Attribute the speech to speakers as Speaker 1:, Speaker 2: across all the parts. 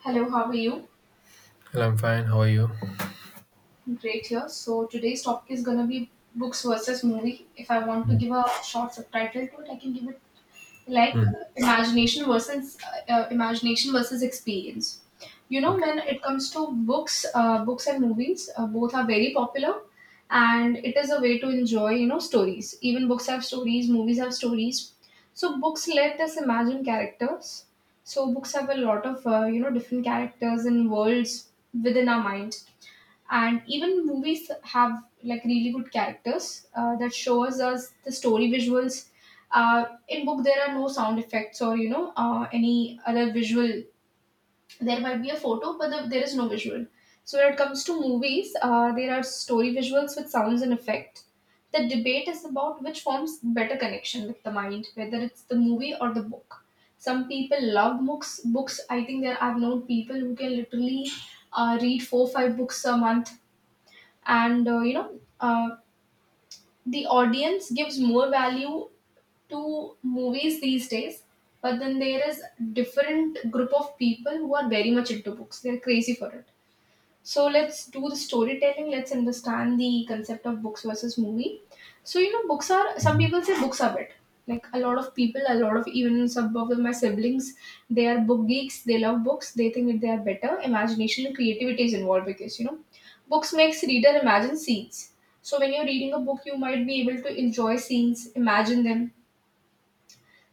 Speaker 1: Hello, how are you?
Speaker 2: Well, I'm fine. How are you?
Speaker 1: Great here. So today's topic is gonna be books versus movie. If I want to give a short subtitle to it, I can give it like
Speaker 2: Hmm.
Speaker 1: imagination versus experience. You know,
Speaker 2: Okay.
Speaker 1: when it comes to books, books and movies, both are very popular, and it is a way to enjoy stories. Even books have stories, movies have stories. So books let us imagine characters. So books have a lot of different characters and worlds within our mind, and even movies have like really good characters that shows us the story visuals. In book there are no sound effects or any other visual. There might be a photo but there is no visual. So when it comes to movies there are story visuals with sounds and effect. The debate is about which forms better connection with the mind, whether it's the movie or the book. Some people love books. I think there, I've known people who can literally read 4 5 books a month. And the audience gives more value to movies these days, but then there is different group of people who are very much into books, they're crazy for it. So let's do the storytelling. Let's understand the concept of books versus movie. So you know, books are, some
Speaker 2: Hmm.
Speaker 1: people say books are better. Like a lot of people, a lot of even some of my siblings, they are book geeks. They love books. They think that they are better. Imagination and creativity is involved because you know, books makes reader imagine scenes. So when you're reading a book, you might be able to enjoy scenes, imagine them,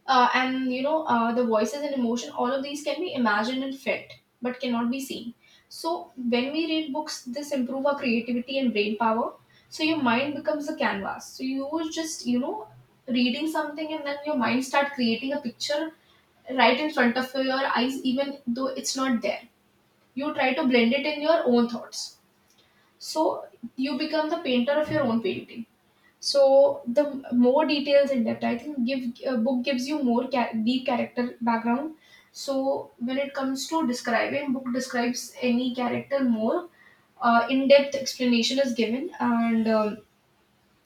Speaker 1: and the voices and emotion, all of these can be imagined and felt but cannot be seen. So when we read books this improve our creativity and brain power. So your mind becomes a canvas, so you were just, you know, reading something and then your mind start creating a picture right in front of your eyes even though it's not there. You try to blend it in your own thoughts. So you become the painter of your own painting. So the more details in depth, I think, give, a book gives you more deep character background. So when it comes to describing, book describes any character more. In-depth explanation is given, and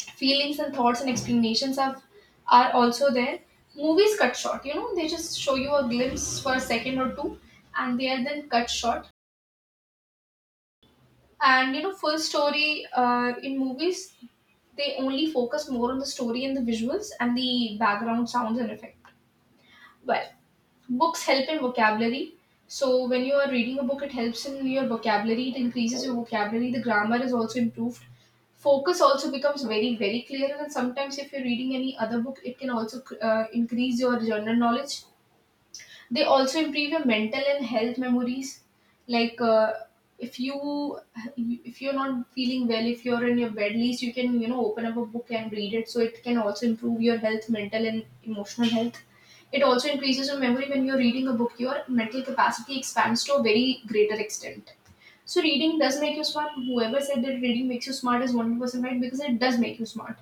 Speaker 1: feelings and thoughts and explanations have, are also there. Movies cut short, you know, they just show you a glimpse for a second or two, and they are then cut short. And you know full story in movies, they only focus more on the story and the visuals and the background sounds and effect. Well, books help in vocabulary. So when you are reading a book it helps in your vocabulary, it increases your vocabulary, the grammar is also improved. Focus also becomes very very clear, and sometimes if you're reading any other book it can also increase your general knowledge. They also improve your mental and health memories. Like, if you if you're not feeling well, if you're in your bed, at least you can, you know, open up a book and read it, so it can also improve your health, mental and emotional health. It also increases your memory. When you're reading a book your mental capacity expands to a very greater extent. So reading does make you smart. Whoever said that reading makes you smart is 100% right because it does make you smart.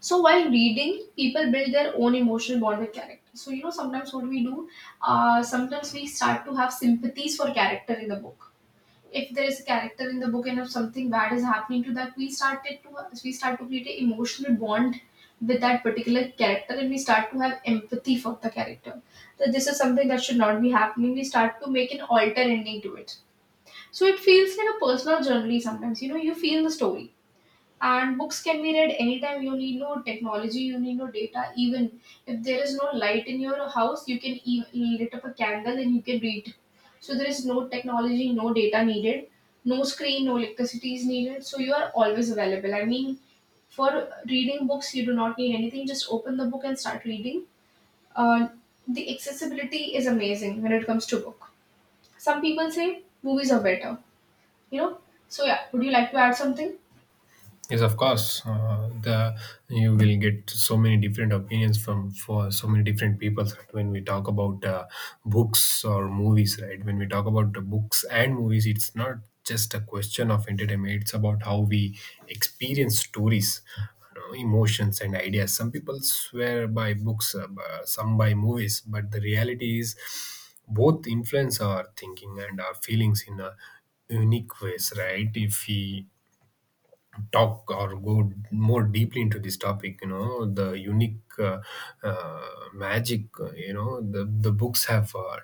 Speaker 1: So while reading, people build their own emotional bond with character. So you know, sometimes what we do, sometimes we start to have sympathies for character in the book. If there is a character in the book and if something bad is happening to that, we start to create an emotional bond with that particular character, and we start to have empathy for the character. That this is something that should not be happening. We start to make an alter ending to it. So it feels like a personal journey sometimes. You know, you feel the story. And books can be read anytime, you need no technology, you need no data. Even if there is no light in your house you can lit up a candle and you can read. So there is no technology, no data needed, no screen, no electricity is needed. So you are always available, I mean, for reading books you do not need anything, just open the book and start reading. uh, the accessibility is amazing when it comes to book. Some people say movies are better, you know. So yeah, would you like to add something?
Speaker 2: Yes, of course. The you will get so many different opinions from for so many different people, right? When we talk about books or movies, right? When we talk about the books and movies, it's not just a question of entertainment. It's about how we experience stories, you know, emotions, and ideas. Some people swear by books, some by movies, but the reality is both influence our thinking and our feelings in a unique ways, right? If we talk or go more deeply into this topic, you know, the unique uh, magic, you know, the books have uh,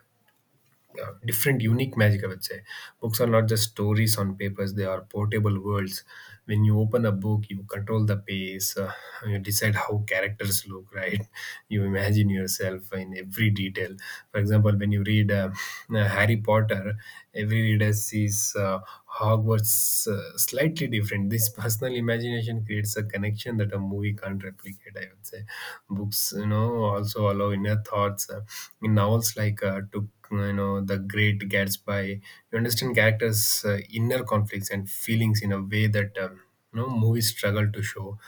Speaker 2: uh, different unique magic, I would say. Books are not just stories on papers, they are portable worlds. When you open a book, you control the pace. You decide how characters look right? You imagine yourself in every detail. For example, when you read Harry Potter, every reader sees Hogwarts slightly different. This personal imagination creates a connection that a movie can't replicate, I would say. Books, you know, also allow inner thoughts in novels like, to, you know, The Great Gatsby. You understand characters inner conflicts and feelings in a way that, you know, movies struggle to show.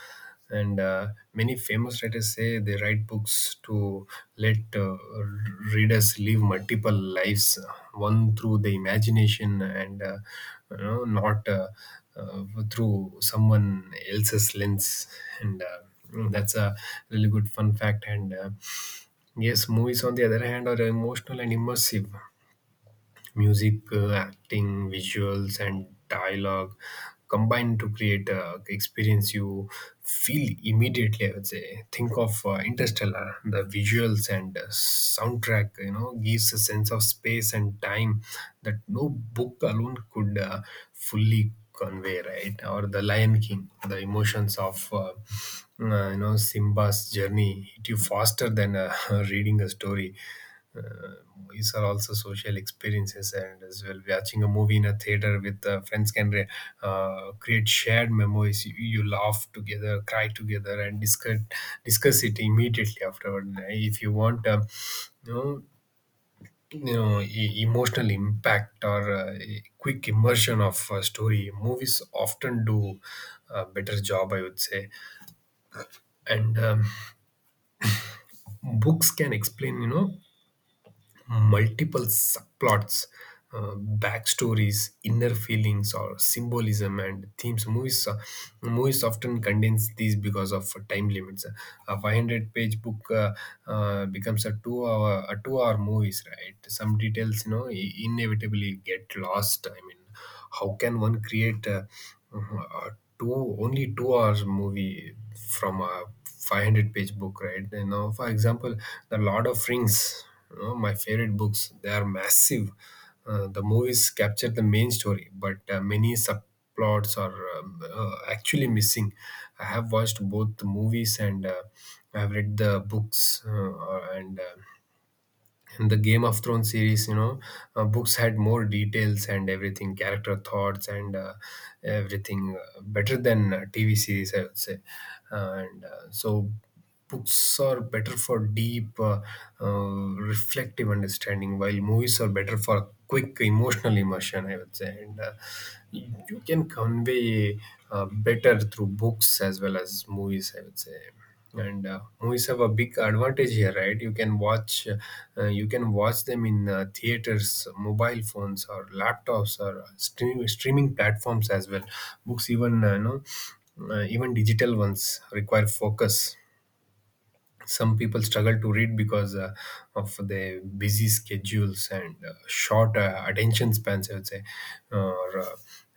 Speaker 2: And many famous writers say they write books to let readers live multiple lives, one through the imagination and you know, not uh, through someone else's lens. And that's a really good fun fact. And yes, movies, on the other hand, are emotional and immersive. Music, acting, visuals, and dialogue combine to create a experience you feel immediately. I would say, think of Interstellar. The visuals and soundtrack, you know, gives a sense of space and time that no book alone could fully convey. Right, or The Lion King, the emotions of you know, Simba's journey hit you faster than reading a story. These are also social experiences, and as well, watching a movie in a theater with friends can create shared memories. You, laugh together, cry together, and discuss it immediately afterward. If you want, you know, emotional impact or quick immersion of a story, movies often do a better job, I would say. And books can explain, you know, multiple subplots, backstories, inner feelings, or symbolism and themes. Movies often condense these because of time limits. A 500-page book becomes a two-hour movies, right? Some details, you know, inevitably get lost. I mean, how can one create a two only 2 hours movie from a 500-page book, right? You know, for example, the Lord of Rings, you know, my favorite books, they are massive. The movies capture the main story, but many subplots are actually missing. I have watched both the movies, and I have read the books, and in the Game of Thrones series, you know, books had more details and everything, character thoughts, and everything, better than TV series, I would say. And so, books are better for deep uh, reflective understanding, while movies are better for quick emotional immersion, I would say. And you can convey better through books as well as movies, I would say. And movies have a big advantage here, right? You can watch them in theaters, mobile phones, or laptops, or streaming platforms as well. Books, even you know, even digital ones require focus. Some people struggle to read because of their busy schedules and short attention spans, I would say, or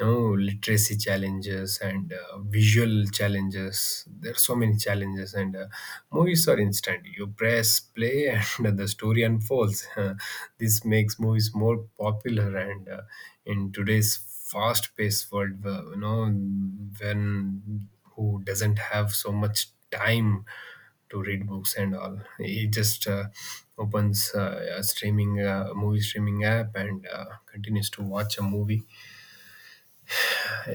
Speaker 2: you know, literacy challenges and visual challenges. There are so many challenges, and movies are instant. You press play and the story unfolds This makes movies more popular, and in today's fast paced world, you know, when who doesn't have so much time to read books and all. He just opens a streaming movie streaming app and continues to watch a movie.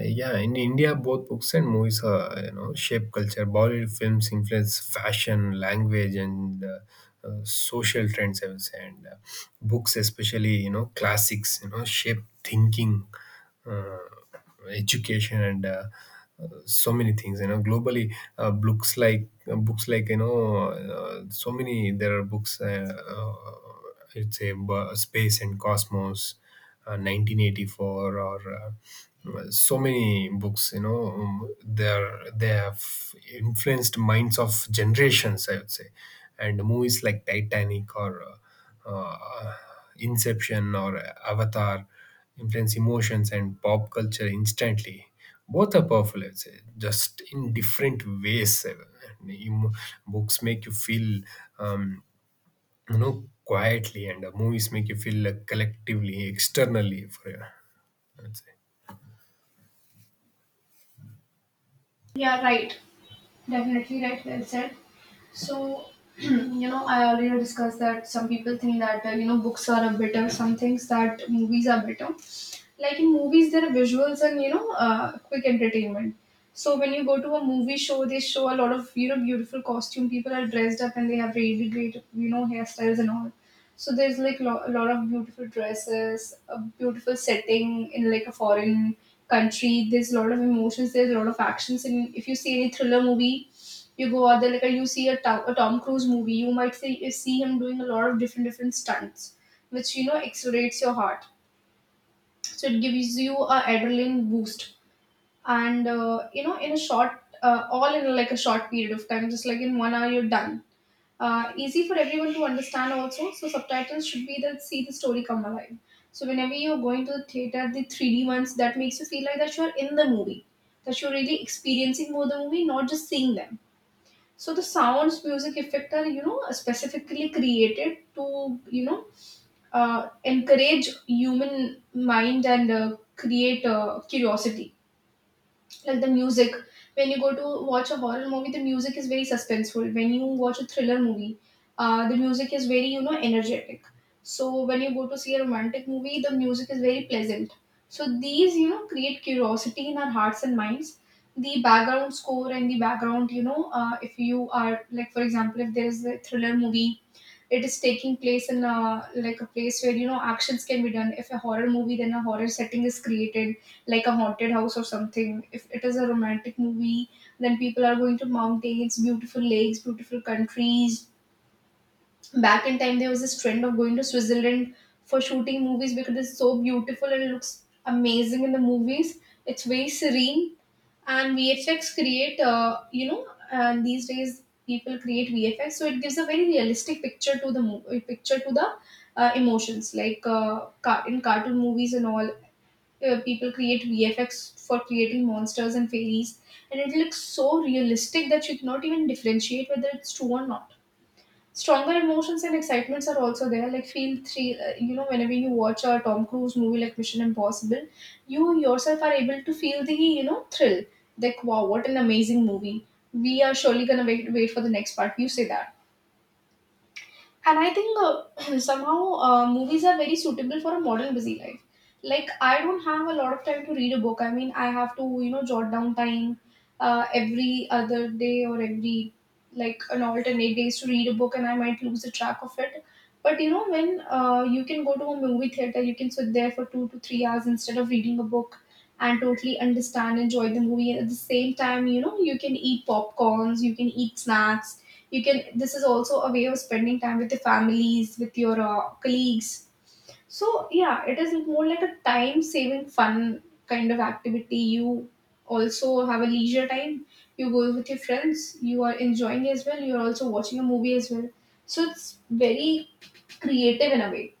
Speaker 2: Yeah, in India, both books and movies are, you know, shape culture. Bollywood films influence fashion, language, and social trends, I would say. And books, especially, you know, classics, you know, shape thinking, uh, education, and so many things. You know, globally, books like, you know, so many. There are books. I'd say a space and cosmos, 1984, or so many books, you know, they have influenced minds of generations, I would say. And movies like Titanic or uh, uh, Inception or Avatar influence emotions and pop culture instantly. Both are powerful, I'd say, just in different ways. Books make you feel, um, you know, quietly, and movies make you feel like collectively, externally for you, I'd say.
Speaker 1: Yeah, right. Definitely right, well said. So, you know, I already discussed that some people think that, you know, books are a better, some things that movies are better. Like in movies, there are visuals and, you know, quick entertainment. So when you go to a movie show, they show a lot of, you know, beautiful costume. People are dressed up and they have really great, you know, hairstyles and all. So there's like a lot of beautiful dresses, a beautiful setting in like a foreign country. There's a lot of emotions. There's a lot of actions. And if you see any thriller movie, you go out there like you see a a Tom Cruise movie, you might see, you see him doing a lot of different stunts, which you know accelerates your heart. So it gives you a adrenaline boost, and you know, in a short, all in like a short period of time, just like in 1 hour you're done. Easy for everyone to understand also, so subtitles should be that, see the story come alive. So whenever you're going to the theater, the 3D ones that makes you feel like that you're in the movie, that you're really experiencing more the movie, not just seeing them. So the sounds, music, effect are, you know, specifically created to, you know, encourage human mind and create curiosity. Like the music, when you go to watch a horror movie the music is very suspenseful. When you watch a thriller movie the music is very, you know, energetic. So when you go to see a romantic movie the music is very pleasant. So these, you know, create curiosity in our hearts and minds. The background score and the background, you know, if you are like, for example, if there is a thriller movie, it is taking place in a like a place where you know actions can be done. If a horror movie, then a horror setting is created, like a haunted house or something. If it is a romantic movie then people are going to mountains, beautiful lakes, beautiful countries. Back in time there was this trend of going to Switzerland for shooting movies because it's so beautiful and it looks amazing in the movies. It's very serene. And VFX create, you know, and these days people create VFX, so it gives a very realistic picture to picture to the emotions. Like in cartoon movies and all, people create VFX for creating monsters and fairies, and it looks so realistic that you cannot even differentiate whether it's true or not. Stronger emotions and excitements are also there. Like feel three you know, whenever you watch a Tom Cruise movie like Mission Impossible, you yourself are able to feel the, you know, thrill. Like wow, what an amazing movie. We are surely gonna wait for the next part, you say that. And I think somehow movies are very suitable for a modern busy life. Like I don't have a lot of time to read a book, I mean I have to, you know, jot down time every other day or every like an alternate days to read a book and I might lose the track of it. But you know when you can go to a movie theater you can sit there for 2 to 3 hours instead of reading a book and totally understand, enjoy the movie. And at the same time you know you can eat popcorns, you can eat snacks, you can, this is also a way of spending time with your families, with your colleagues. So yeah, it is more like a time saving fun kind of activity. You also have a leisure time, you go with your friends, you are enjoying as well, you are also watching a movie as well. So it's very creative in a way,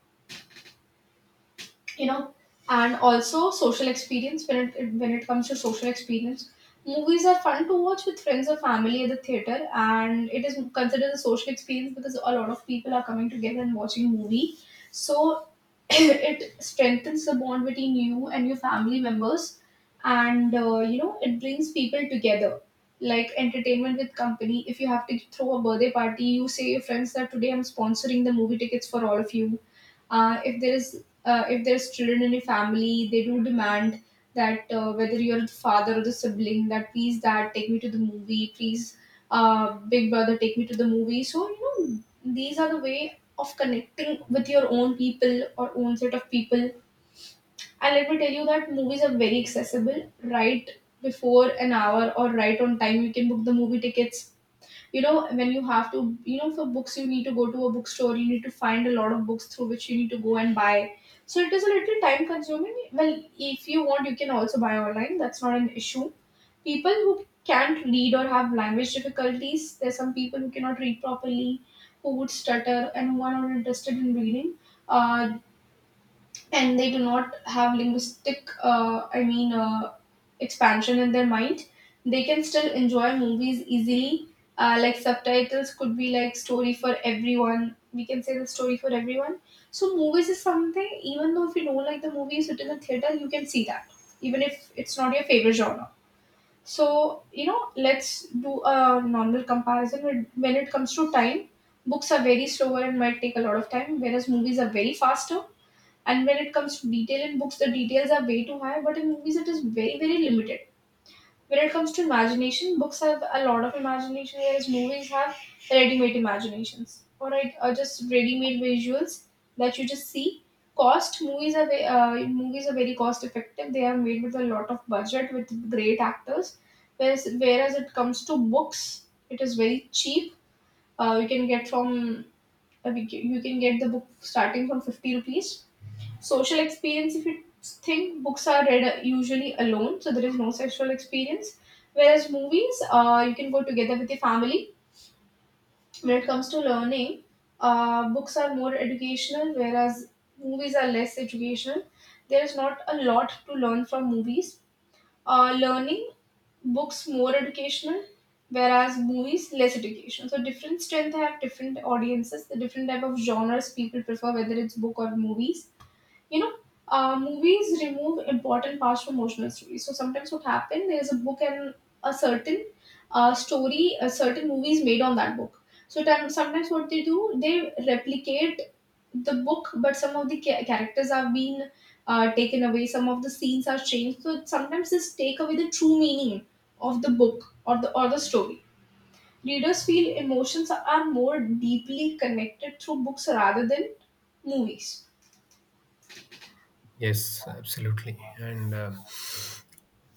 Speaker 1: you know. And also social experience. When it, comes to social experience, movies are fun to watch with friends or family at the theater. And it is considered a social experience because a lot of people are coming together and watching movie. So it strengthens the bond between you and your family members. And it brings people together, like entertainment with company. If you have to throw a birthday party, you say your friends that today I'm sponsoring the movie tickets for all of you. Uh, if there is if there's children in a family, they do demand that, whether you're the father or the sibling, that please dad take me to the movie, please. Big brother take me to the movie. So you know, these are the way of connecting with your own people or own set of people. And let me tell you that movies are very accessible, right? Before an hour or right on time, you can book the movie tickets. You know when you have to you know for books, you need to go to a bookstore, you need to find a lot of books through which you need to go and buy. So it is a little time consuming. Well, if you want, you can also buy online, that's not an issue. People who can't read or have language difficulties, there's some people who cannot read properly, who would stutter and who are not interested in reading. Uh, and they do not have linguistic expansion in their mind. They can still enjoy movies easily. Like subtitles could be like story for everyone. We can say the story for everyone. So movies is something, even though if you don't like the movies within the theater, you can see that, even if it's not your favorite genre. So you know, let's do a normal comparison when it comes to time, books are very slower and might take a lot of time, whereas movies are very faster. And when it comes to detail in books, the details are way too high, but in movies, it is very, very limited. When it comes to imagination, books have a lot of imagination, whereas movies have ready made imaginations, or right, or just ready made visuals that you just see. Cost movies are movies are very cost effective. They are made with a lot of budget with great actors. Whereas it comes to books, it is very cheap. We can get from we can, you can get the book starting from 50 rupees. Social experience, if you think books are read usually alone, so there is no sexual experience. Whereas movies, you can go together with your family. When it comes to learning, books are more educational, whereas movies are less educational. There is not a lot to learn from movies. Learning, books more educational, whereas movies less educational. So different strength have different audiences, the different type of genres people prefer, whether it's book or movies, you know. Movies remove important parts from emotional stories. So sometimes what happen, there's a book and a certain, story a certain movie is made on that book. So time, sometimes what they do, they replicate the book, but some of the characters have been taken away, some of the scenes are changed, so sometimes this take away the true meaning of the book or the story. Readers feel emotions are more deeply connected through books rather than movies.
Speaker 2: Yes, absolutely. And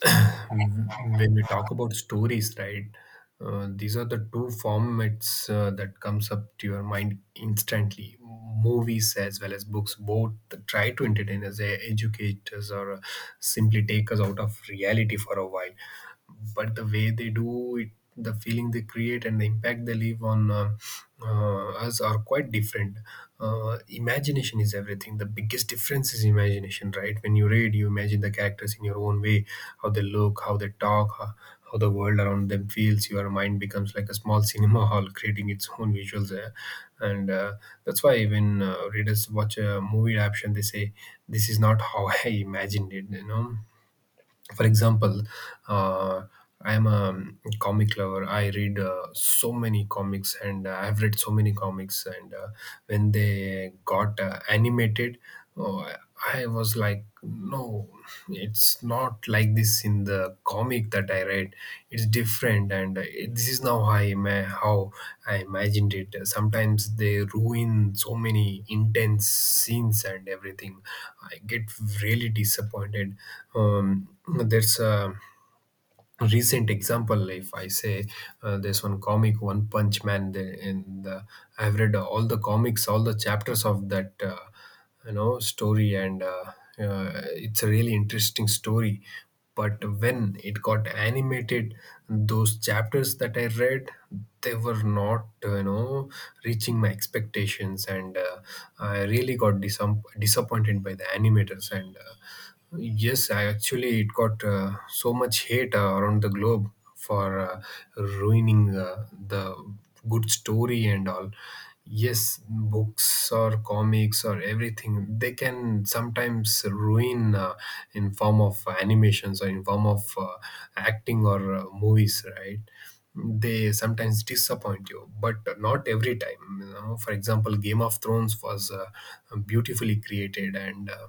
Speaker 2: when we talk about stories, right? These are the two formats that comes up to your mind instantly. Movies as well as books, both try to entertain us, educate us, or simply take us out of reality for a while. But the way they do it, the feeling they create, and the impact they leave on us are quite different. Imagination is everything. The biggest difference is imagination, right? When you read, you imagine the characters in your own way, how they look, how they talk, how the world around them feels. Your mind becomes like a small cinema hall, creating its own visuals. And That's why when readers watch a movie adaptation, they say, this is not how I imagined it, you know. For example, uh, I am a comic lover. I read so many comics, and I've read so many comics and when they got animated, oh, I was like, no, it's not like this is in the comic that I read. It's different, and this is now how how I imagined it. Sometimes they ruin so many intense scenes and everything. I get really disappointed. There's a recent example, if I say, there's one comic, One Punch Man. There in the I've read all the comics, all the chapters of that, you know, story. And it's a really interesting story, but when it got animated, those chapters that I read, they were not, you know, reaching my expectations. And I really got disappointed by the animators. And yes, I actually, it got so much hate around the globe for ruining the good story and all. Yes, books or comics or everything, they can sometimes ruin, in form of animations or in form of acting, or movies, right? They sometimes disappoint you, but not every time. You know, for example, Game of Thrones was beautifully created. And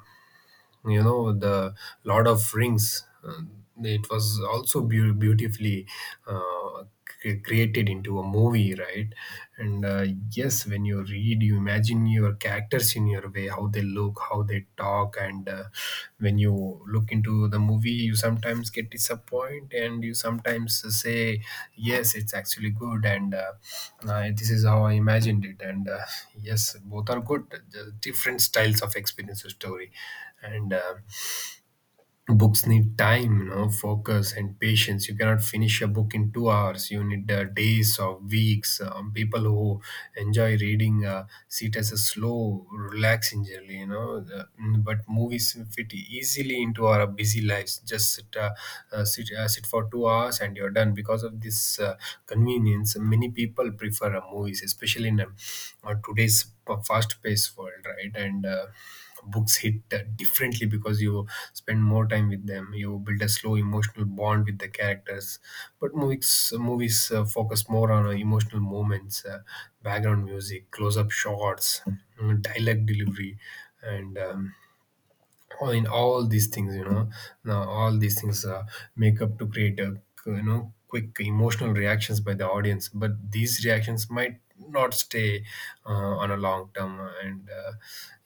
Speaker 2: you know, the Lord of Rings, it was also beautifully uh, created into a movie, right? And yes, when you read, you imagine your characters in your way, how they look, how they talk. And when you look into the movie, you sometimes get disappointed, and you sometimes say, yes, it's actually good. And this is how I imagined it. And yes, both are good. Just different styles of experience a story. And books need time, you know, focus and patience. You cannot finish a book in 2 hours. You need days or weeks. People who enjoy reading see it as a slow, relaxing journey, you know but movies fit easily into our busy lives. Just sit for 2 hours and you're done. Because of this convenience, many people prefer movies, especially in today's fast paced world, right? And books hit differently, because you spend more time with them. You build a slow emotional bond with the characters. But movies focus more on emotional moments, background music, close-up shots, dialogue delivery. And all in all these things, you know, now all these things make up to create a, you know, quick emotional reactions by the audience, but these reactions might not stay on a long term. And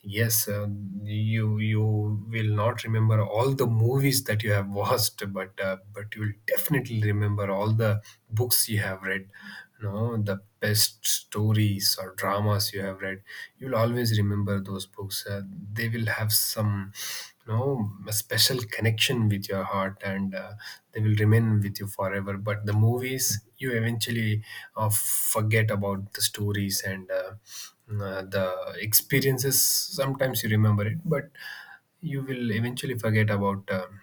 Speaker 2: yes, you will not remember all the movies that you have watched, but but you will definitely remember all the books you have read. You know, the best stories or dramas you have read. You'll always remember those books. They will have some, you know, a special connection with your heart, and they will remain with you forever. But the movies, you eventually forget about the stories and the experiences sometimes you remember it, but you will eventually forget about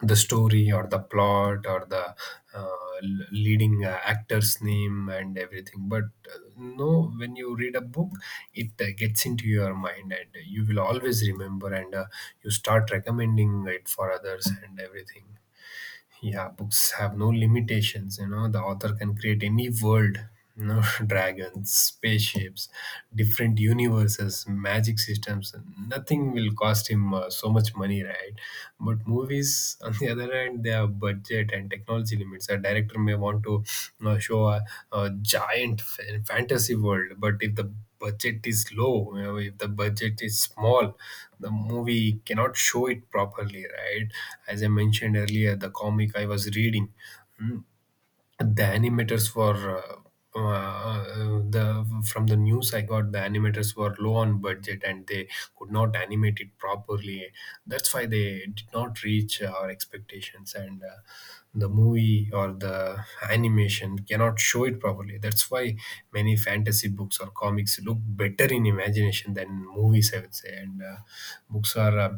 Speaker 2: the story or the plot or the uh, l- leading uh, actor's name and everything. But no, when you read a book, it gets into your mind and you will always remember, and you start recommending it for others and everything. Yeah, books have no limitations. You know, the author can create any world. You know, dragons, spaceships, different universes, magic systems. Nothing will cost him so much money, right? But movies, on the other hand, they have budget and technology limits. A director may want to, you know, show a giant fantasy world, but if the budget is low, you know, if the budget is small, the movie cannot show it properly, right? As I mentioned earlier, the comic I was reading. mm, the animators for the from the news I got, the animators were low on budget and they could not animate it properly. That's why they did not reach our expectations, and the movie or the animation cannot show it properly. That's why many fantasy books or comics look better in imagination than movies, I would say. And books are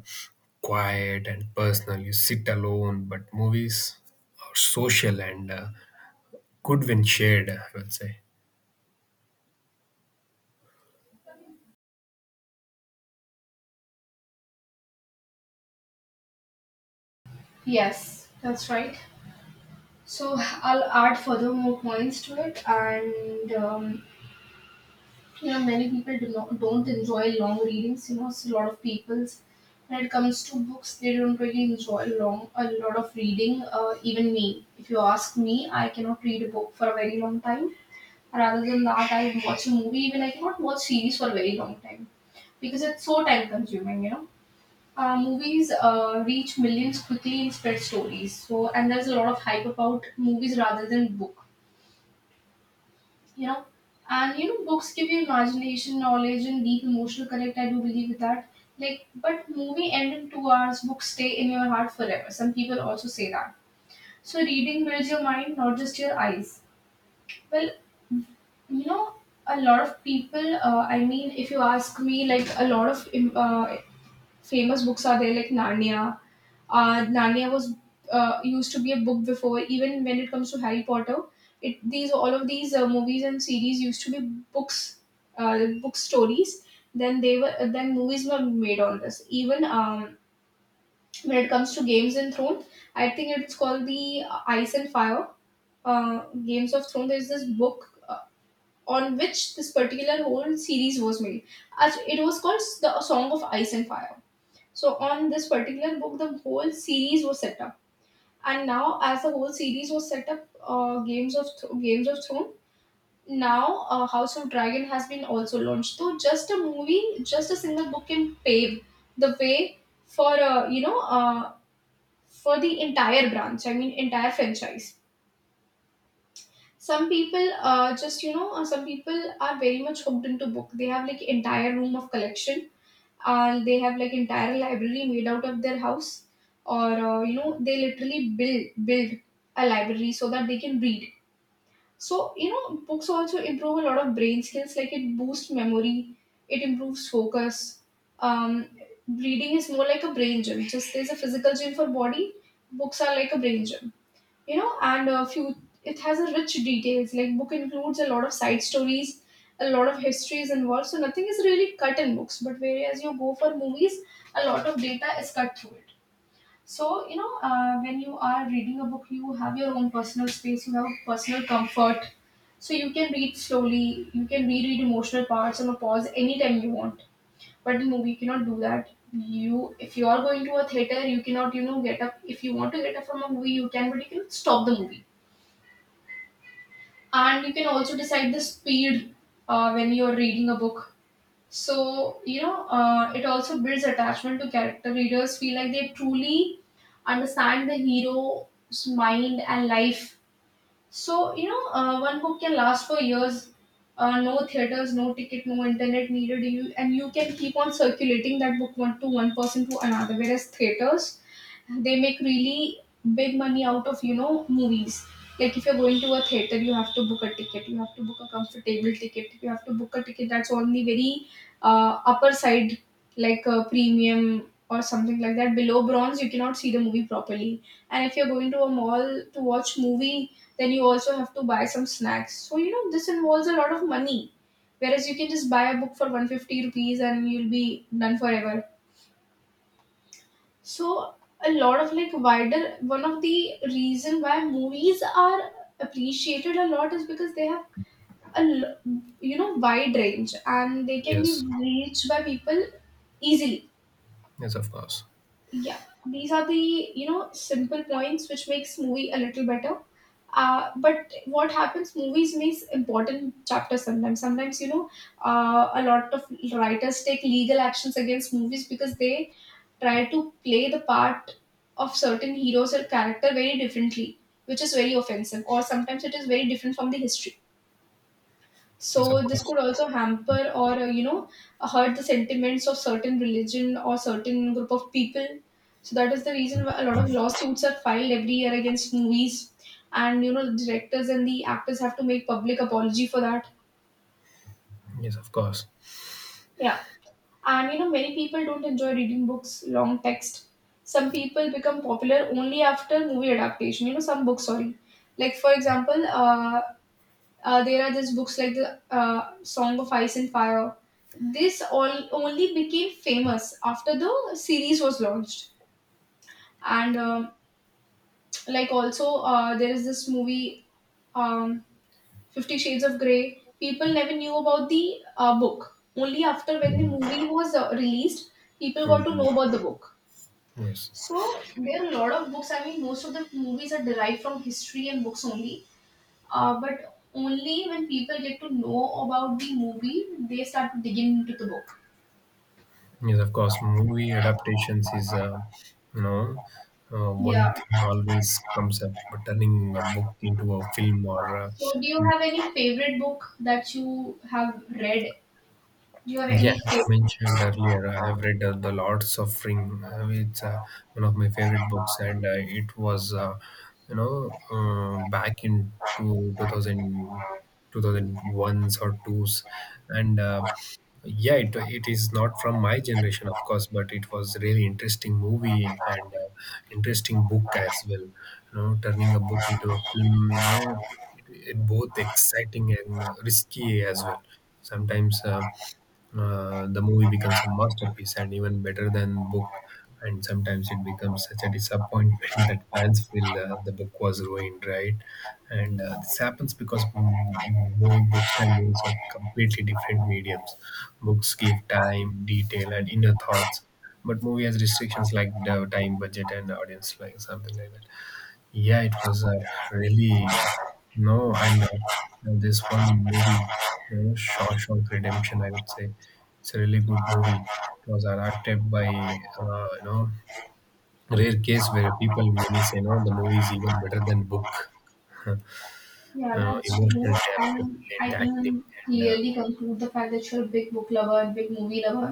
Speaker 2: quiet and personal. You sit alone, but movies are social and good when shared, I would say.
Speaker 1: Yes, that's right. So I'll add further more points to it, and you know, many people do not don't enjoy long readings. You know, it's a lot of people's, when it comes to books, they don't really enjoy long a lot of reading. Even me, if you ask me, I cannot read a book for a very long time. Rather than that, I watch a movie. Even I cannot watch series for a very long time, because it's so time consuming, you know. Movies reach millions quickly and spread stories, so, and there's a lot of hype about movies rather than book, you know. And you know, books give you imagination, knowledge and deep emotional connect, I do believe with that. Like, but movie end in 2 hours, books stay in your heart forever, some people also say that. So reading builds your mind, not just your eyes. Well, you know, a lot of people if you ask me, like a lot of famous books are there, like Narnia. Narnia was used to be a book before. Even when it comes to Harry Potter, it, these all of these movies and series used to be books, book stories. Then movies were made on this. Even when it comes to Games and Throne, I think it's called the Ice and Fire, Games of Throne. There's this book, on which this particular whole series was made. It was called The Song of Ice and Fire. So on this particular book, the whole series was set up, and now as the whole series was set up, Games of Games of Throne. Now, House of Dragon has been also launched. So just a movie, just a single book can pave the way for for the entire branch. I mean, entire franchise. Some people, some people are very much hooked into book. They have like entire room of collection, and they have like entire library made out of their house, or they literally build a library so that they can read. So you know, books also improve a lot of brain skills, like it boosts memory, it improves focus. Um, reading is more like a brain gym. Just there's a physical gym for body, books are like a brain gym, you know. And a few, it has a rich details, like book includes a lot of side stories, a lot of histories involved, so nothing is really cut in books. But whereas you go for movies, a lot of data is cut through it. So you know, when you are reading a book, you have your own personal space, you have personal comfort, so you can read slowly, you can reread emotional parts, on a pause anytime you want. But in movie you cannot do that. You, if you are going to a theater, you cannot, you know, get up. If you want to get up from a movie, you can, but you can stop the movie, and you can also decide the speed when you're reading a book. So you know, it also builds attachment to character, readers feel like they truly understand the hero's mind and life. So you know, one book can last for years. No theaters, no ticket, no internet needed, you, and you can keep on circulating that book one to one, person to another. Whereas theaters, they make really big money out of, you know, movies. Like if you're going to a theater, you have to book a ticket, you have to book a comfortable ticket, you have to book a ticket that's on the very upper side, like a premium or something like that. Below bronze, you cannot see the movie properly. And if you're going to a mall to watch movie, then you also have to buy some snacks. So you know, this involves a lot of money. Whereas you can just buy a book for 150 rupees and you'll be done forever. So a lot of like wider, one of the reason why movies are appreciated a lot is because they have a you know, wide range and they can be
Speaker 2: Yes.
Speaker 1: reached by people easily.
Speaker 2: Yes, of course.
Speaker 1: Yeah, these are the, you know, simple points which makes movie a little better. But what happens, movies miss important chapters sometimes. Sometimes you know, a lot of writers take legal actions against movies because they try to play the part of certain heroes or character very differently, which is very offensive, or sometimes it is very different from the history.
Speaker 2: Yes,
Speaker 1: So
Speaker 2: of
Speaker 1: this
Speaker 2: course.
Speaker 1: could also hamper or hurt the sentiments of certain religion or certain group of people. So that is the reason why a lot of lawsuits are filed every year against movies, and you know, the directors and the actors have to make public apology for that.
Speaker 2: Yes, of course.
Speaker 1: Yeah. And you know, many people don't enjoy reading books, long text. Some people become popular only after movie adaptation. You know, some books, sorry. Like, for example, there are just books like the Song of Ice and Fire. This all only became famous after the series was launched. And like also, there is this movie, um, Fifty Shades of Grey. People never knew about the book. Only after when the movie was released, people got to
Speaker 2: Mhm.
Speaker 1: know about the book.
Speaker 2: Yes.
Speaker 1: So there are a lot of books. I mean, most of the movies are derived from history and books only. But only when people get to know about the movie, they start to dig into the book.
Speaker 2: Yes, of course. Movie adaptations is, you know, one
Speaker 1: Yeah.
Speaker 2: thing always comes up, turning a book into a film or
Speaker 1: So do you have any favorite book that you have read? Do you have
Speaker 2: yeah,
Speaker 1: any
Speaker 2: as I
Speaker 1: favorite?
Speaker 2: mentioned earlier, I have read The Lord's Offering. It's one of my favorite books, and it was, you know, back in 2000, 2001s or 2s. And yeah, it is not from my generation, of course, but it was really interesting movie and interesting book as well. You know, turning a book into a film, you know, it, it both exciting and risky as well. Sometimes the movie becomes a masterpiece and even better than book, and sometimes it becomes such a disappointment that fans feel the book was ruined, right? And this happens because books and movies are completely different mediums. Books give time, detail, and inner thoughts, but movie has restrictions like the time, budget, and audience, like something like that. Yeah, it was really no, and this one movie, you know, Shawshank Redemption. I would say it's a really good movie. It was adapted by, you know, rare case where people many say no, the movie is even better than book. You
Speaker 1: Yeah,
Speaker 2: know,
Speaker 1: that's
Speaker 2: emotional
Speaker 1: true.
Speaker 2: depth, the
Speaker 1: And
Speaker 2: brilliant
Speaker 1: I
Speaker 2: acting,
Speaker 1: can
Speaker 2: and
Speaker 1: clearly conclude the fact that you're a big book lover and big movie lover.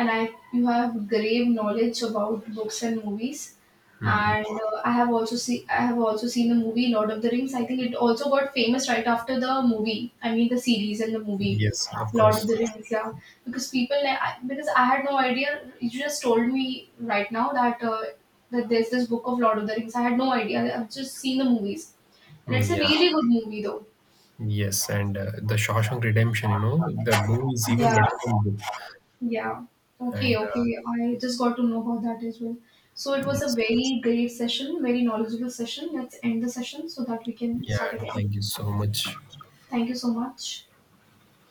Speaker 1: And I, you have grave knowledge about books and movies.
Speaker 2: mhm.
Speaker 1: And I have also seen, I have also seen the movie Lord of the Rings. I think it also got famous right after the movie. I mean, the series and the movie
Speaker 2: Yes, of
Speaker 1: Lord of
Speaker 2: course.
Speaker 1: the Rings. Yeah, because people like, because I had no idea. You just told me right now that there's this book of Lord of the Rings. I had no idea. I've just seen the movies, and it's a
Speaker 2: Yeah,
Speaker 1: really good movie though.
Speaker 2: yes, and the Shawshank Redemption, you know, the movie is even
Speaker 1: Yeah.
Speaker 2: better than book.
Speaker 1: Yeah. Okay,
Speaker 2: And
Speaker 1: okay. I just got to know about that as well. So it was a
Speaker 2: yes,
Speaker 1: very great session, very knowledgeable session. Let's end the session so that we can
Speaker 2: yeah,
Speaker 1: start again.
Speaker 2: thank you so much.
Speaker 1: Thank you so much.